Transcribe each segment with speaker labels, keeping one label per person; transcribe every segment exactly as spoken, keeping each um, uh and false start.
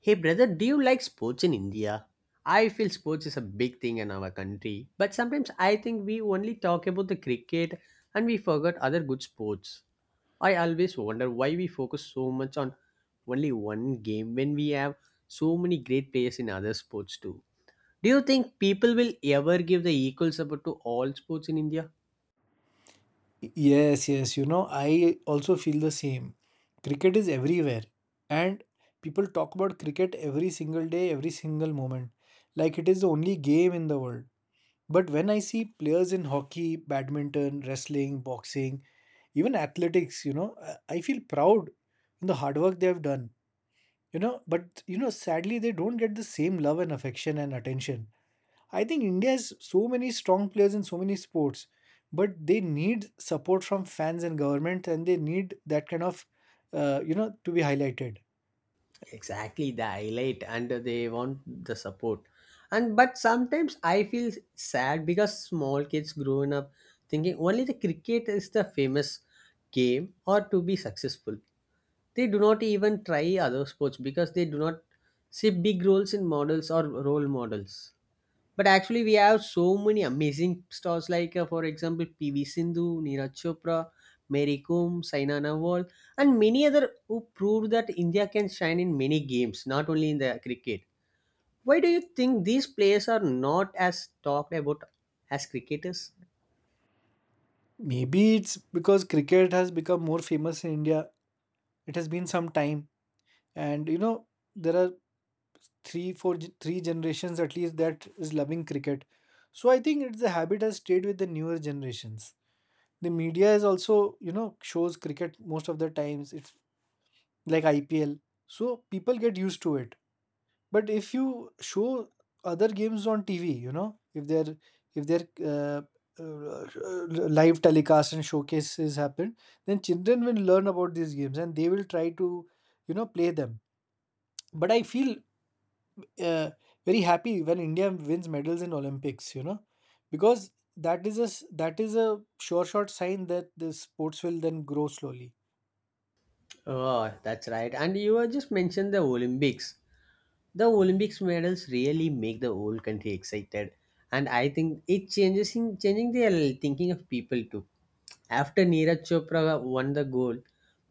Speaker 1: Hey brother, do you like sports in India? I feel sports is a big thing in our country, but sometimes I think we only talk about the cricket and we forget other good sports. I always wonder why we focus so much on only one game when we have so many great players in other sports too. Do you think people will ever give the equal support to all sports in India?
Speaker 2: Yes, yes. You know, I also feel the same. Cricket is everywhere, and people talk about cricket every single day, every single moment, like it is the only game in the world. But when I see players in hockey, badminton, wrestling, boxing, even athletics, you know, I I feel proud in the hard work they have done. You know, but you know, sadly, they don't get the same love and affection and attention. I think India has so many strong players in so many sports, but they need support from fans and government, and they need that kind of, uh, you know, to be highlighted.
Speaker 1: Exactly, the highlight, and they want the support. And but sometimes I feel sad because small kids growing up thinking only the cricket is the famous game or to be successful, they do not even try other sports because they do not see big roles in models or role models. But actually, we have so many amazing stars like, uh, for example, P V Sindhu, Neeraj Chopra, Mary Kom, Saina Nehwal, and many other who proved that India can shine in many games, not only in the cricket. Why do you think these players are not as talked about as cricketers?
Speaker 2: Maybe it's because cricket has become more famous in India. It has been some time, and you know, there are three, four, ge- three generations at least that is loving cricket. So I think it's the habit has stayed with the newer generations. The media is also, you know, shows cricket most of the times. It's like I P L, so people get used to it. But if you show other games on T V, you know, if they're if they're uh, uh, uh, live telecast and showcases happen, then children will learn about these games and they will try to, you know, play them. But I feel uh, very happy when India wins medals in Olympics, you know, because that is a s- that is a sure shot sign that the sports will then grow slowly.
Speaker 1: Oh, that's right. And you have just mentioned the Olympics. The Olympics medals really make the whole country excited, and I think it changes in changing the thinking of people too. After Neeraj Chopra won the gold,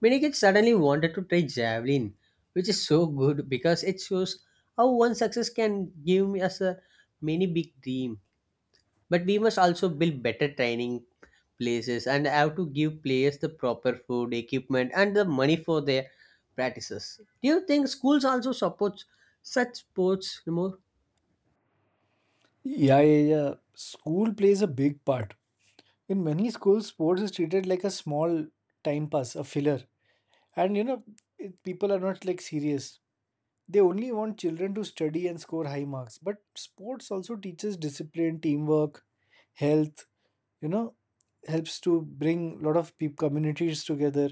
Speaker 1: many kids suddenly wanted to try javelin, which is so good because it shows how one success can give us a many big dream. But we must also build better training places and have to give players the proper food, equipment, and the money for their practices. Do you think schools also support such sports more?
Speaker 2: Yeah, yeah, yeah. School plays a big part. In many schools, sports is treated like a small time pass, a filler. And you know, it, people are not like serious. They only want children to study and score high marks. But sports also teaches discipline, teamwork, health, you know, helps to bring lot of peop communities together.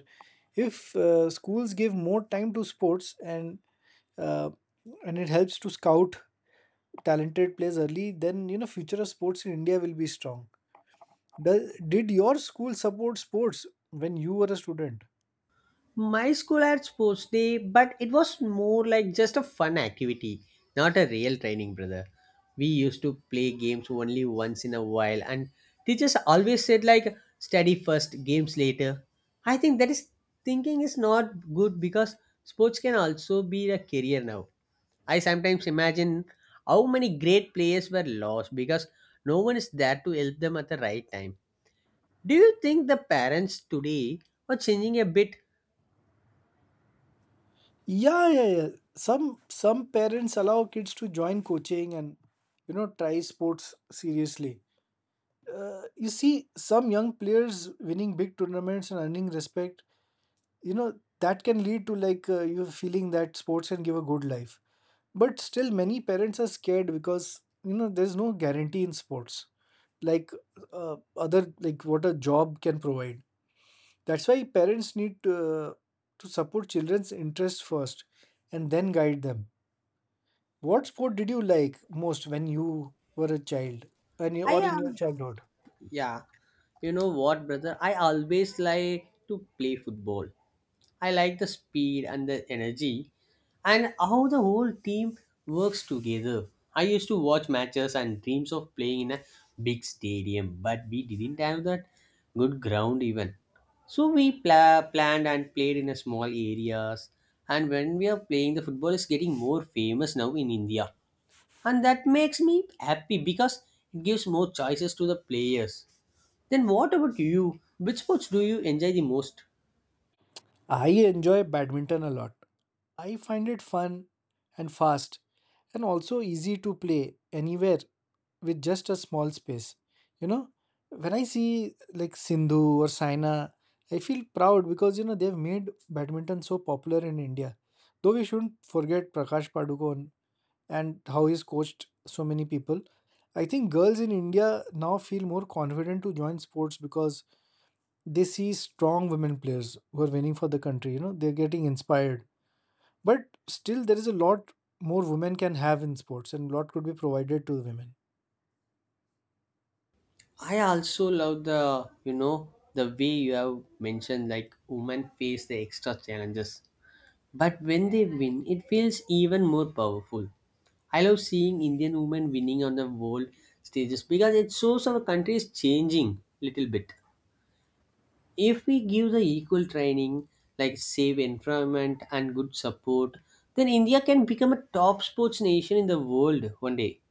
Speaker 2: If uh, schools give more time to sports and uh, and it helps to scout talented players early, then you know future of sports in India will be strong. Does, did your school support sports when you were a student?
Speaker 1: My school had sports day, but it was more like just a fun activity, not a real training, brother. We used to play games only once in a while, and teachers always said, like, study first, games later. I think that is thinking is not good because sports can also be a career now. I sometimes imagine how many great players were lost because no one is there to help them at the right time. Do you think the parents today are changing a bit?
Speaker 2: Yeah, yeah, yeah. Some some parents allow kids to join coaching and you know try sports seriously. Uh, you see some young players winning big tournaments and earning respect. You know that can lead to like uh, you feeling that sports can give a good life. But still, many parents are scared because you know there's no guarantee in sports like uh, other like what a job can provide. That's why parents need to, to support children's interests first and then guide them. What sport did you like most when you were a child when you,
Speaker 1: I
Speaker 2: or in your
Speaker 1: am.
Speaker 2: childhood?
Speaker 1: Yeah, you know what, brother? I always like to play football. I like the speed and the energy and how the whole team works together. I used to watch matches and dreams of playing in a big stadium, but we didn't have that good ground even. So we pla- planned and played in a small areas. And when we are playing, the football is getting more famous now in India, and that makes me happy because it gives more choices to the players then what about you? Which sports do you enjoy the most?
Speaker 2: I enjoy badminton a lot. I find it fun and fast and also easy to play anywhere with just a small space. You know, when I see like Sindhu or Saina, I feel proud because you know they've made badminton so popular in India. Though we shouldn't forget Prakash Padukone and how he's coached so many people. I think girls in India now feel more confident to join sports because they see strong women players who are winning for the country. You know, they're getting inspired. But still, there is a lot more women can have in sports, and a lot could be provided to the women.
Speaker 1: I also love the you know the way you have mentioned like women face the extra challenges. But when they win, it feels even more powerful. I love seeing Indian women winning on the world stages because it shows our country is changing little bit. If we give the equal training, like safe environment and good support, then India can become a top sports nation in the world one day.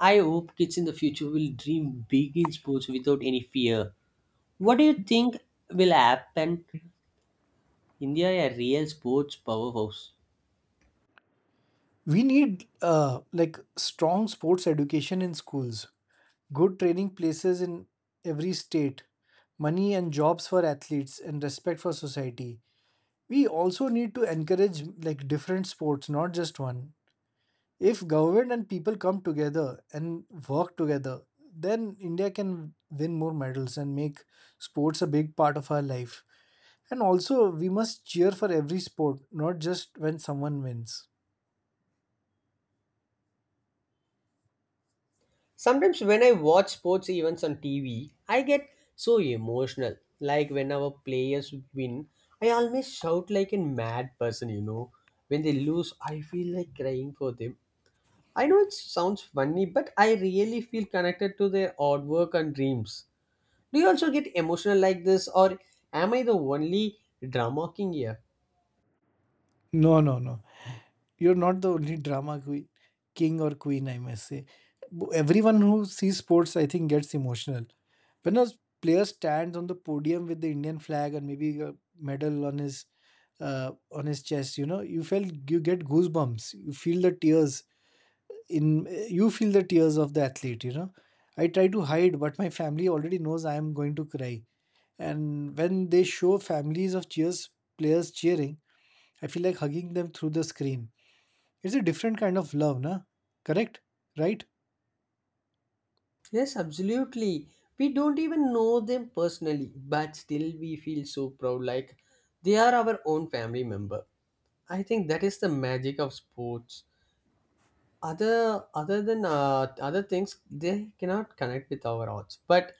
Speaker 1: I hope kids in the future will dream big in sports without any fear. What do you think will happen? India a real sports powerhouse.
Speaker 2: We need uh, like strong sports education in schools, good training places in every state, money and jobs for athletes, and respect for society. We also need to encourage like different sports, not just one. If government and people come together and work together, then India can win more medals and make sports a big part of our life. And also we must cheer for every sport, not just when someone wins.
Speaker 1: Sometimes when I watch sports events on T V, I get so emotional. Like when our players win, I almost shout like a mad person, you know. When they lose, I feel like crying for them. I know it sounds funny, but I really feel connected to their hard work and dreams. Do you also get emotional like this, or am I the only drama king here?
Speaker 2: No, no, no. You're not the only drama queen, king or queen, I must say. Bo- Everyone who sees sports, I think, gets emotional. When a player stands on the podium with the Indian flag and maybe a medal on his uh, on his chest, you know, you felt you get goosebumps. You feel the tears in you feel the tears of the athlete. You know, I try to hide, but my family already knows I am going to cry. And when they show families of cheers players cheering, I feel like hugging them through the screen. It's a different kind of love, na? Correct? Right?
Speaker 1: Yes, absolutely. We don't even know them personally, but still we feel so proud like they are our own family member. I think that is the magic of sports. other other than uh, other things, they cannot connect with our arts, but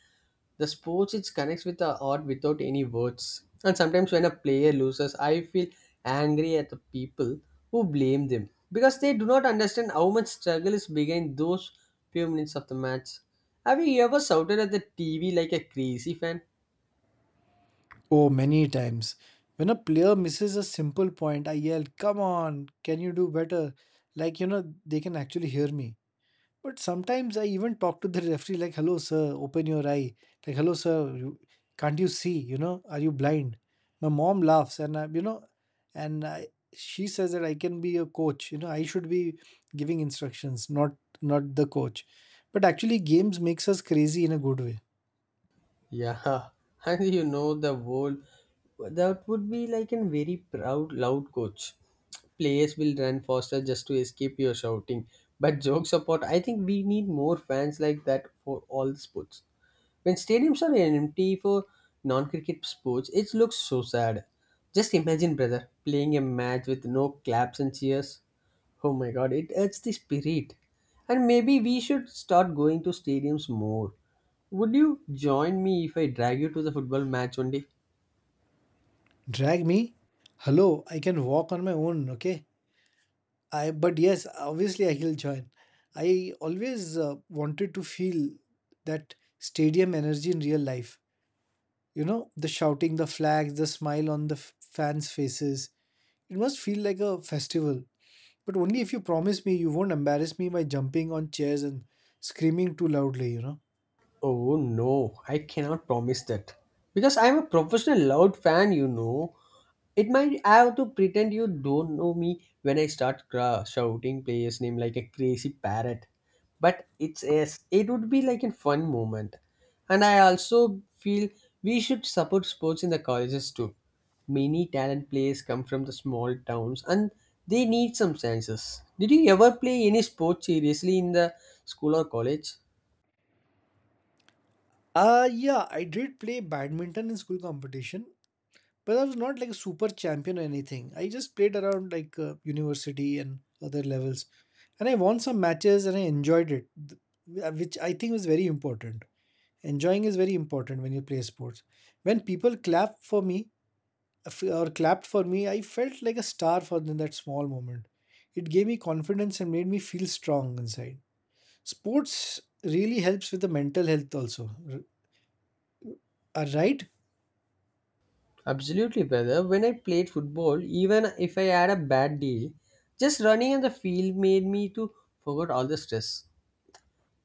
Speaker 1: the sports, it connects with the art without any words. And sometimes when a player loses, I feel angry at the people who blame them because they do not understand how much struggle is behind those few minutes of the match. Have you ever shouted at the TV like a crazy fan?
Speaker 2: Oh, many times. When a player misses a simple point, I yell, "Come on, can you do better?" Like, you know, they can actually hear me. But sometimes I even talk to the referee, like, "Hello, sir, open your eye." Like, "Hello, sir, you, can't you see? You know, are you blind?" My mom laughs, and I, you know, and I, she says that I can be a coach. You know, I should be giving instructions, not not the coach. But actually, games makes us crazy in a good way.
Speaker 1: Yeah, and you know the whole that would be like a very proud loud coach. Players will run faster just to escape your shouting. But jokes apart, I think we need more fans like that for all the sports. When stadiums are empty for non-cricket sports, it looks so sad. Just imagine, brother, playing a match with no claps and cheers. Oh my god, it adds the spirit. And maybe we should start going to stadiums more. Would you join me if I drag you to the football match one day?
Speaker 2: Drag me? Hello, I can walk on my own, okay? I but yes, obviously I will join. I always uh, wanted to feel that stadium energy in real life. You know, the shouting, the flags, the smile on the f- fans' faces. It must feel like a festival. But only if you promise me you won't embarrass me by jumping on chairs and screaming too loudly, you know.
Speaker 1: Oh no, I cannot promise that. Because I'm a professional loud fan, you know. It might have to pretend you don't know me when I start cra- shouting player's name like a crazy parrot. But it's yes, it would be like a fun moment. And I also feel we should support sports in the colleges too. Many talent players come from the small towns and they need some chances. Did you ever play any sport seriously in the school or college?
Speaker 2: Uh, yeah, I did play badminton in school competition, but I was not like a super champion or anything. I just played around like uh, university and other levels, and I won some matches and I enjoyed it, th- uh, which I think was very important. Enjoying is very important when you play sports. When people clap for me uh, f- or clapped for me, I felt like a star for in that small moment. It gave me confidence and made me feel strong inside. Sports really helps with the mental health also. R- uh, right?
Speaker 1: Absolutely, brother. When I played football, even if I had a bad day, just running on the field made me to forget all the stress.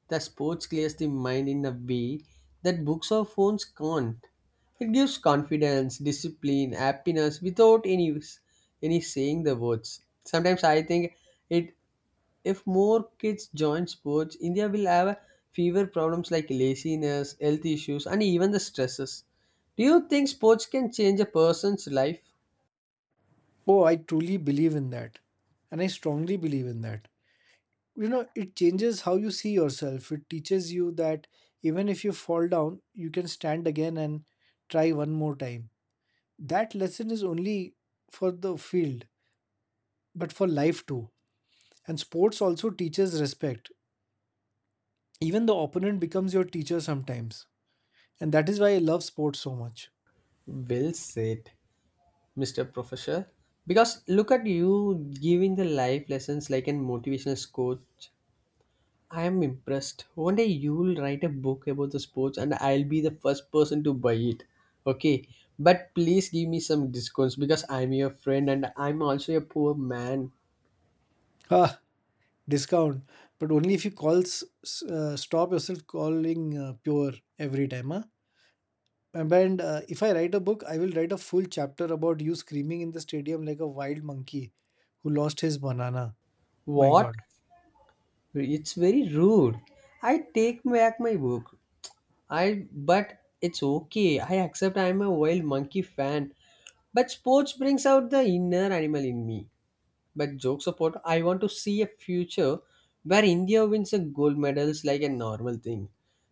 Speaker 1: The sports clears the mind in a way that books or phones can't. It gives confidence, discipline, happiness without any any saying the words. Sometimes I think it if more kids join sports, India will have fewer problems like laziness, health issues, and even the stresses. Do you think sports can change a person's life?
Speaker 2: Oh, I truly believe in that, and I strongly believe in that. You know, it changes how you see yourself. It teaches you that even if you fall down, you can stand again and try one more time. That lesson is only for the field, but for life too. And sports also teaches respect. Even the opponent becomes your teacher sometimes, and that is why I love sports so much.
Speaker 1: Well said, Mister Professor. Because look at you giving the life lessons like an motivational coach. I am impressed. One day you will write a book about the sports and I'll be the first person to buy it. Okay. But please give me some discounts because I'm your friend and I'm also a poor man.
Speaker 2: Ah, discount, but only if you calls uh, stop yourself calling uh, pure every time, huh? And when, uh, if I write a book, I will write a full chapter about you screaming in the stadium like a wild monkey who lost his banana. My
Speaker 1: What?
Speaker 2: God.
Speaker 1: It's very rude. I take back my book. I But it's okay. I accept I'm a wild monkey fan. But sports brings out the inner animal in me. But jokes apart, I want to see a future where India wins a gold medals like a normal thing,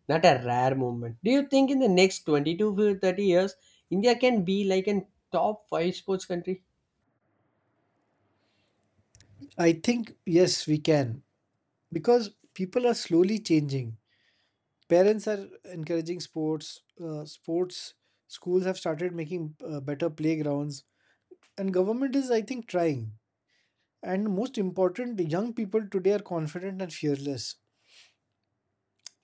Speaker 1: not a rare moment. Do you think in the next twenty to thirty years, India can be like a top five sports country?
Speaker 2: I think, yes, we can. Because people are slowly changing. Parents are encouraging sports, uh, sports, schools have started making uh, better playgrounds, and government is, I think, trying. And most important, the young people today are confident and fearless.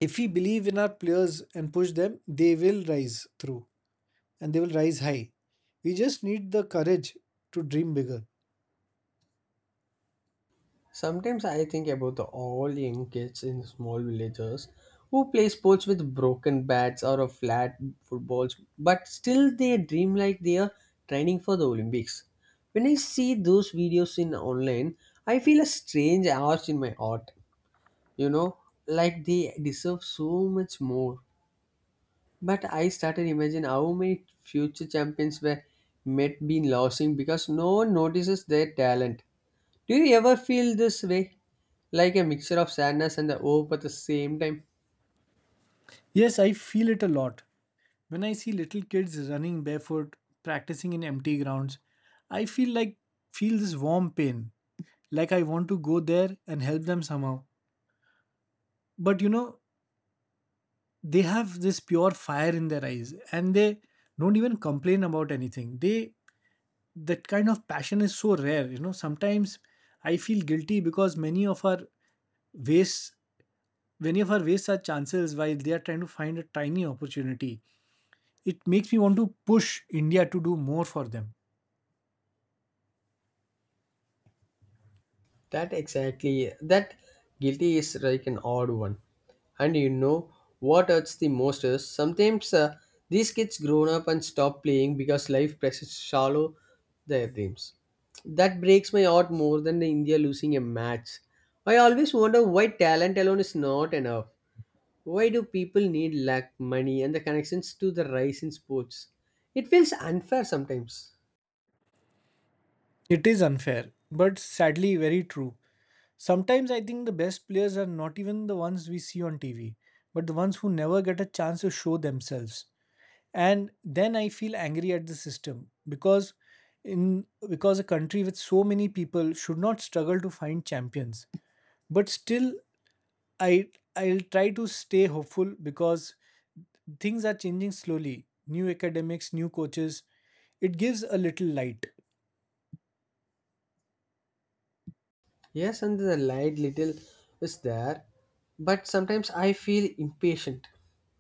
Speaker 2: If we believe in our players and push them, they will rise through, and they will rise high. We just need the courage to dream bigger.
Speaker 1: Sometimes I think about the all young kids in small villages who play sports with broken bats or a flat footballs, but still they dream like they are training for the Olympics. When I see those videos in online, I feel a strange urge in my heart. You know, like they deserve so much more. But I started imagine how many future champions were might be losing because no one notices their talent. Do you ever feel this way, like a mixture of sadness and the hope at the same time?
Speaker 2: Yes, I feel it a lot. When I see little kids running barefoot, practicing in empty grounds, I feel like feel this warm pain, like I want to go there and help them somehow. But you know, they have this pure fire in their eyes and they don't even complain about anything. They That kind of passion is so rare, you know. Sometimes I feel guilty because many of our ways many of her waste such chances while they are trying to find a tiny opportunity. It makes me want to push India to do more for them.
Speaker 1: That exactly that guilty is like an odd one. And you know what hurts the most is sometimes uh, these kids grown up and stop playing because life presses shallow their dreams. That breaks my heart more than the India losing a match. I always wonder why talent alone is not enough. Why do people need luck, money, and the connections to the rise in sports? It feels unfair sometimes.
Speaker 2: It is unfair, but sadly very true. Sometimes I think the best players are not even the ones we see on T V, but the ones who never get a chance to show themselves. And then I feel angry at the system because in because a country with so many people should not struggle to find champions. But still, I I'll try to stay hopeful because things are changing slowly. New academics, new coaches. It gives a little light.
Speaker 1: Yes, and the light little is there, but sometimes I feel impatient.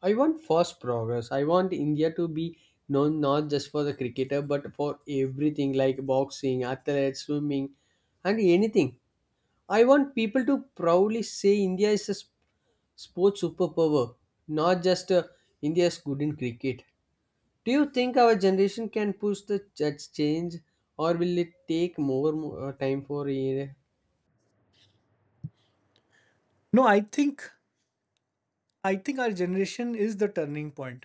Speaker 1: I want fast progress. I want India to be known not just for the cricketer but for everything like boxing, athletics, swimming, and anything. I want people to proudly say India is a s- sports superpower, not just uh, India is good in cricket. Do you think our generation can push the ch- change, or will it take more, more uh, time for uh,
Speaker 2: No, I think I think our generation is the turning point.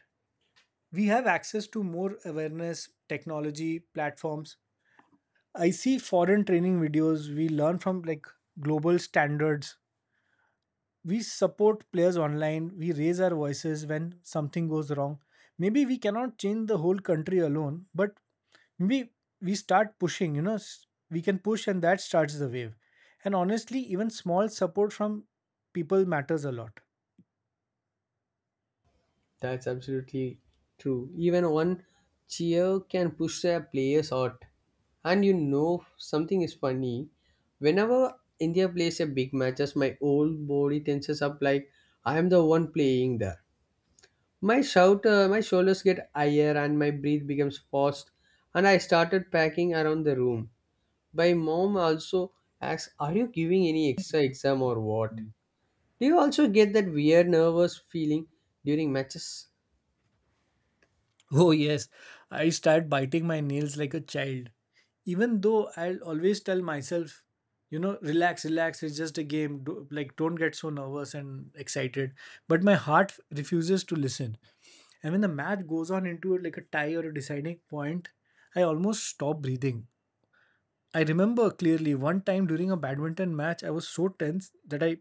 Speaker 2: We have access to more awareness, technology, platforms. I see foreign training videos. We learn from like global standards. We support players online. We raise our voices when something goes wrong. Maybe we cannot change the whole country alone, but maybe we start pushing, you know, s- we can push, and that starts the wave. And honestly, even small support from people matters a lot.
Speaker 1: That's absolutely true. Even one cheer can push a player's out. And you know something is funny. Whenever India plays a big match, just my whole body tenses up like I am the one playing there. My shout, uh, my shoulders get higher and my breath becomes fast. And I started packing around the room. My mom also asks, "Are you giving any extra exam or what?" Do you also get that weird nervous feeling during matches?
Speaker 2: Oh yes, I start biting my nails like a child, even though I'll always tell myself, you know, relax, relax, it's just a game. Do, like, don't get so nervous and excited, but my heart refuses to listen. And when the match goes on into like a tie or a deciding point, I almost stop breathing. I remember clearly one time during a badminton match, I was so tense that I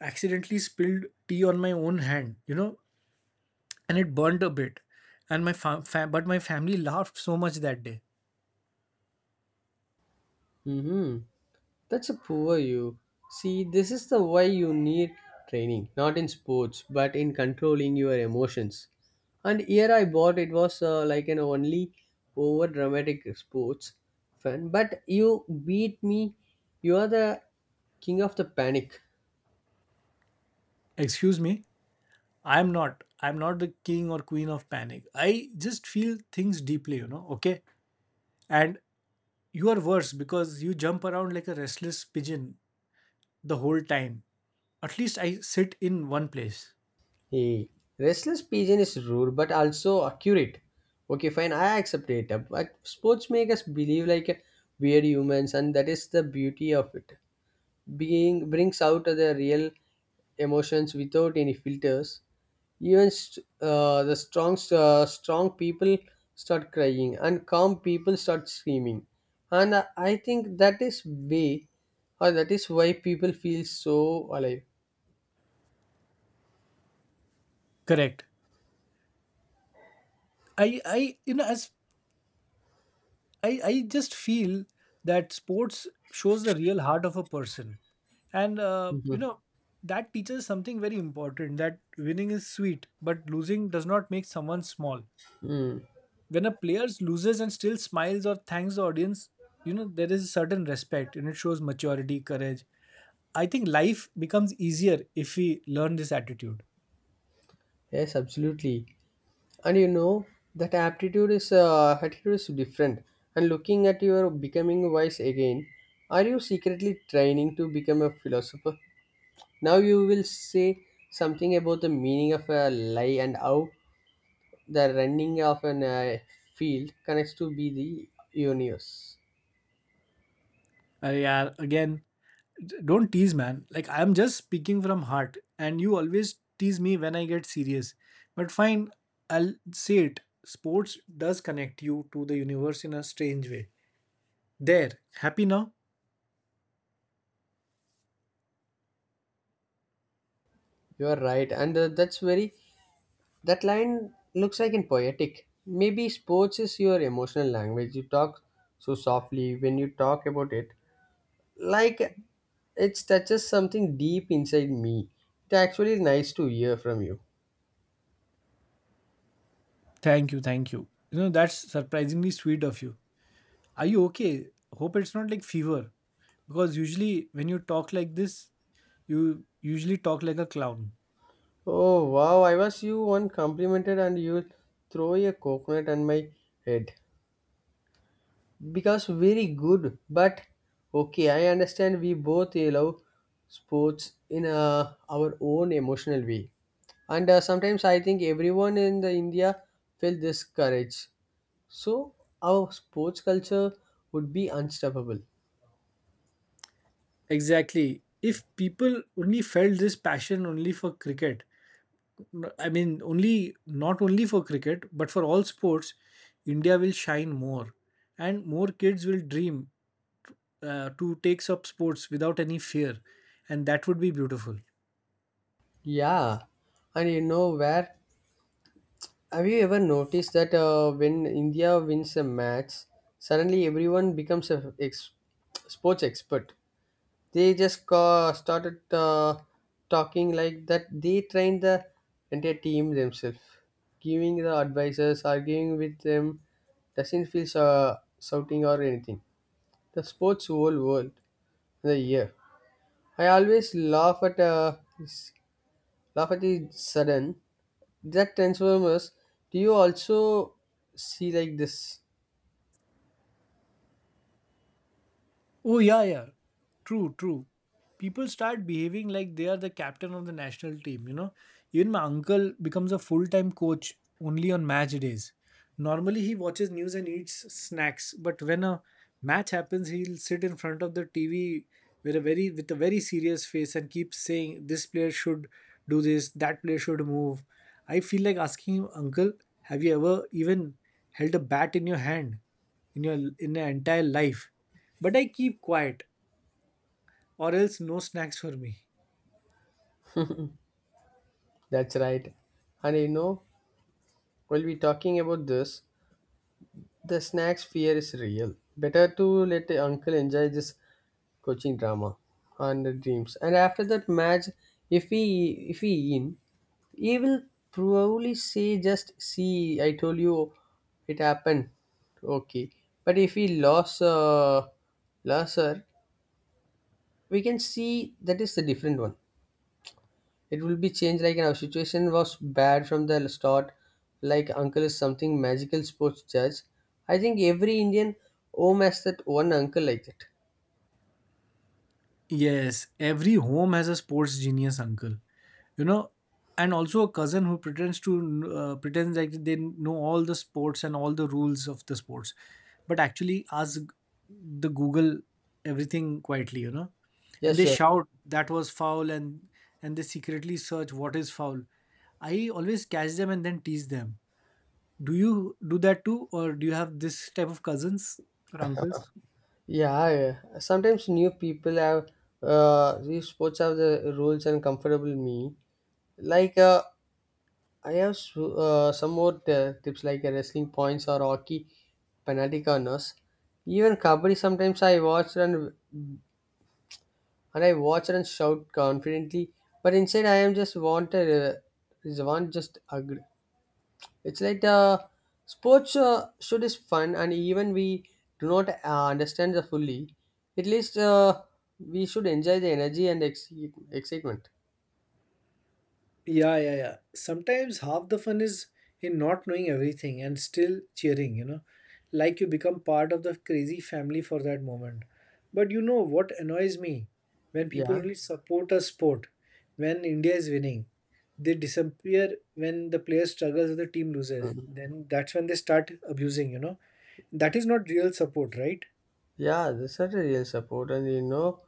Speaker 2: accidentally spilled tea on my own hand, you know, and it burned a bit. And my fa- fa- but my family laughed so much that day.
Speaker 1: Mm-hmm. That's a poor you. See, this is the why you need training, not in sports, but in controlling your emotions. And here I bought it was uh, like an only over dramatic sports fan. But you beat me. You are the king of the panic.
Speaker 2: Excuse me, I'm not. I'm not the king or queen of panic. I just feel things deeply, you know, okay? And you are worse because you jump around like a restless pigeon the whole time. At least I sit in one place.
Speaker 1: Hey, restless pigeon is rude but also accurate. Okay, fine, I accept it. But sports make us believe like weird humans, and that is the beauty of it. Being brings out the real emotions without any filters, even st- uh, the strong uh, strong people start crying and calm people start screaming, and i I think that is way or that is why people feel so alive.
Speaker 2: Correct. I, I, you know, as I, I just feel that sports shows the real heart of a person, and uh, you
Speaker 1: Mhm.
Speaker 2: know, that teaches something very important. That winning is sweet, but losing does not make someone small.
Speaker 1: Mm.
Speaker 2: When a player loses and still smiles or thanks the audience, you know there is a certain respect, and it shows maturity, courage. I think life becomes easier if we learn this attitude.
Speaker 1: Yes, absolutely. And you know that aptitude is uh, attitude is different. And looking at your becoming wise again, are you secretly training to become a philosopher? Now you will say something about the meaning of a lie and how the running of an uh, field connects to be the universe.
Speaker 2: Uh, yeah, again, don't tease man, like I'm just speaking from heart and you always tease me when I get serious. But fine, I'll say it. Sports does connect you to the universe in a strange way. There. Happy now?
Speaker 1: You are right, and uh, that's very that line looks like in poetic. Maybe sports is your emotional language. You talk so softly when you talk about it, like it touches something deep inside me. It's actually nice to hear from you.
Speaker 2: Thank you, thank you. You know, that's surprisingly sweet of you. Are you okay? Hope it's not like fever, because usually when you talk like this, you usually talk like a clown.
Speaker 1: Oh wow, I was you one complimented and you throw a coconut on my head. Because very good, but okay, I understand we both love sports in uh, our own emotional way. And uh, sometimes I think everyone in the India felt this courage. So our sports culture would be unstoppable.
Speaker 2: Exactly. If people only felt this passion only for cricket, I mean, only not only for cricket, but for all sports, India will shine more, and more kids will dream uh, to take up sports without any fear, and that would be beautiful.
Speaker 1: Yeah. And you know where Have you ever noticed that uh, when India wins a match, suddenly everyone becomes a ex- sports expert? They just ca- started uh, talking like that. They train the entire team themselves, giving the advices, arguing with them. Doesn't feel uh, shouting or anything. The sports whole world, the year. I always laugh at uh, laugh at the sudden. Jack Transformers, do you also see like this?
Speaker 2: Oh, yeah, yeah. True, true. People start behaving like they are the captain of the national team, you know. Even my uncle becomes a full time coach only on match days. Normally, he watches news and eats snacks, but when a match happens, he'll sit in front of the T V with a very with a very serious face and keep saying this player should do this, that player should move. I feel like asking him, "Uncle, have you ever even held a bat in your hand? in your in your entire life." But I keep quiet, or else no snacks for me.
Speaker 1: That's right. And you know, while we talking about this, the snacks fear is real. Better to let the uncle enjoy this coaching drama and the dreams. And after that match, if he if he in, he will probably say just see I told you it happened. Okay. But if he lost uh lost her, we can see that is the different one. It will be changed like our situation was bad from the start. Like uncle is something magical sports judge. I think every Indian home has that one uncle like that.
Speaker 2: Yes, every home has a sports genius uncle, you know, and also a cousin who pretends to uh, pretends like they know all the sports and all the rules of the sports, but actually ask the Google everything quietly, you know,
Speaker 1: Yeah,
Speaker 2: and they
Speaker 1: sure.
Speaker 2: shout that was foul and and they secretly search what is foul. I always catch them and then tease them. Do you do that too, or do you have this type of cousins or uncles?
Speaker 1: Yeah, yeah. Sometimes new people have uh, these sports have the rules and comfortable me. Like uh, I have s- uh, some more uh, tips like uh, wrestling points or hockey penalty corners. Even kabaddi sometimes I watched and and I watch and shout confidently, but inside I am just wanted. Uh, is want just agree. It's like uh, sports uh, should is fun, and even we do not uh, understand the fully. At least uh, we should enjoy the energy and ex- excitement.
Speaker 2: Yeah, yeah, yeah. Sometimes half the fun is in not knowing everything and still cheering, you know. Like you become part of the crazy family for that moment. But you know what annoys me? When people
Speaker 1: Yeah.
Speaker 2: only support a sport when India is winning, they disappear when the player struggles or the team loses.
Speaker 1: Mhm.
Speaker 2: Then that's when they start abusing, you know. That is not real support, right?
Speaker 1: Yeah, this is a real support, and you know,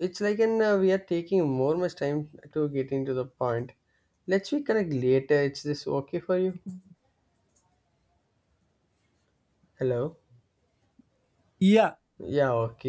Speaker 1: it's like an uh, we are taking more much time to get into the point. Let's we connect later. It's this okay for you? Hello.
Speaker 2: Yeah,
Speaker 1: Yeah. Okay.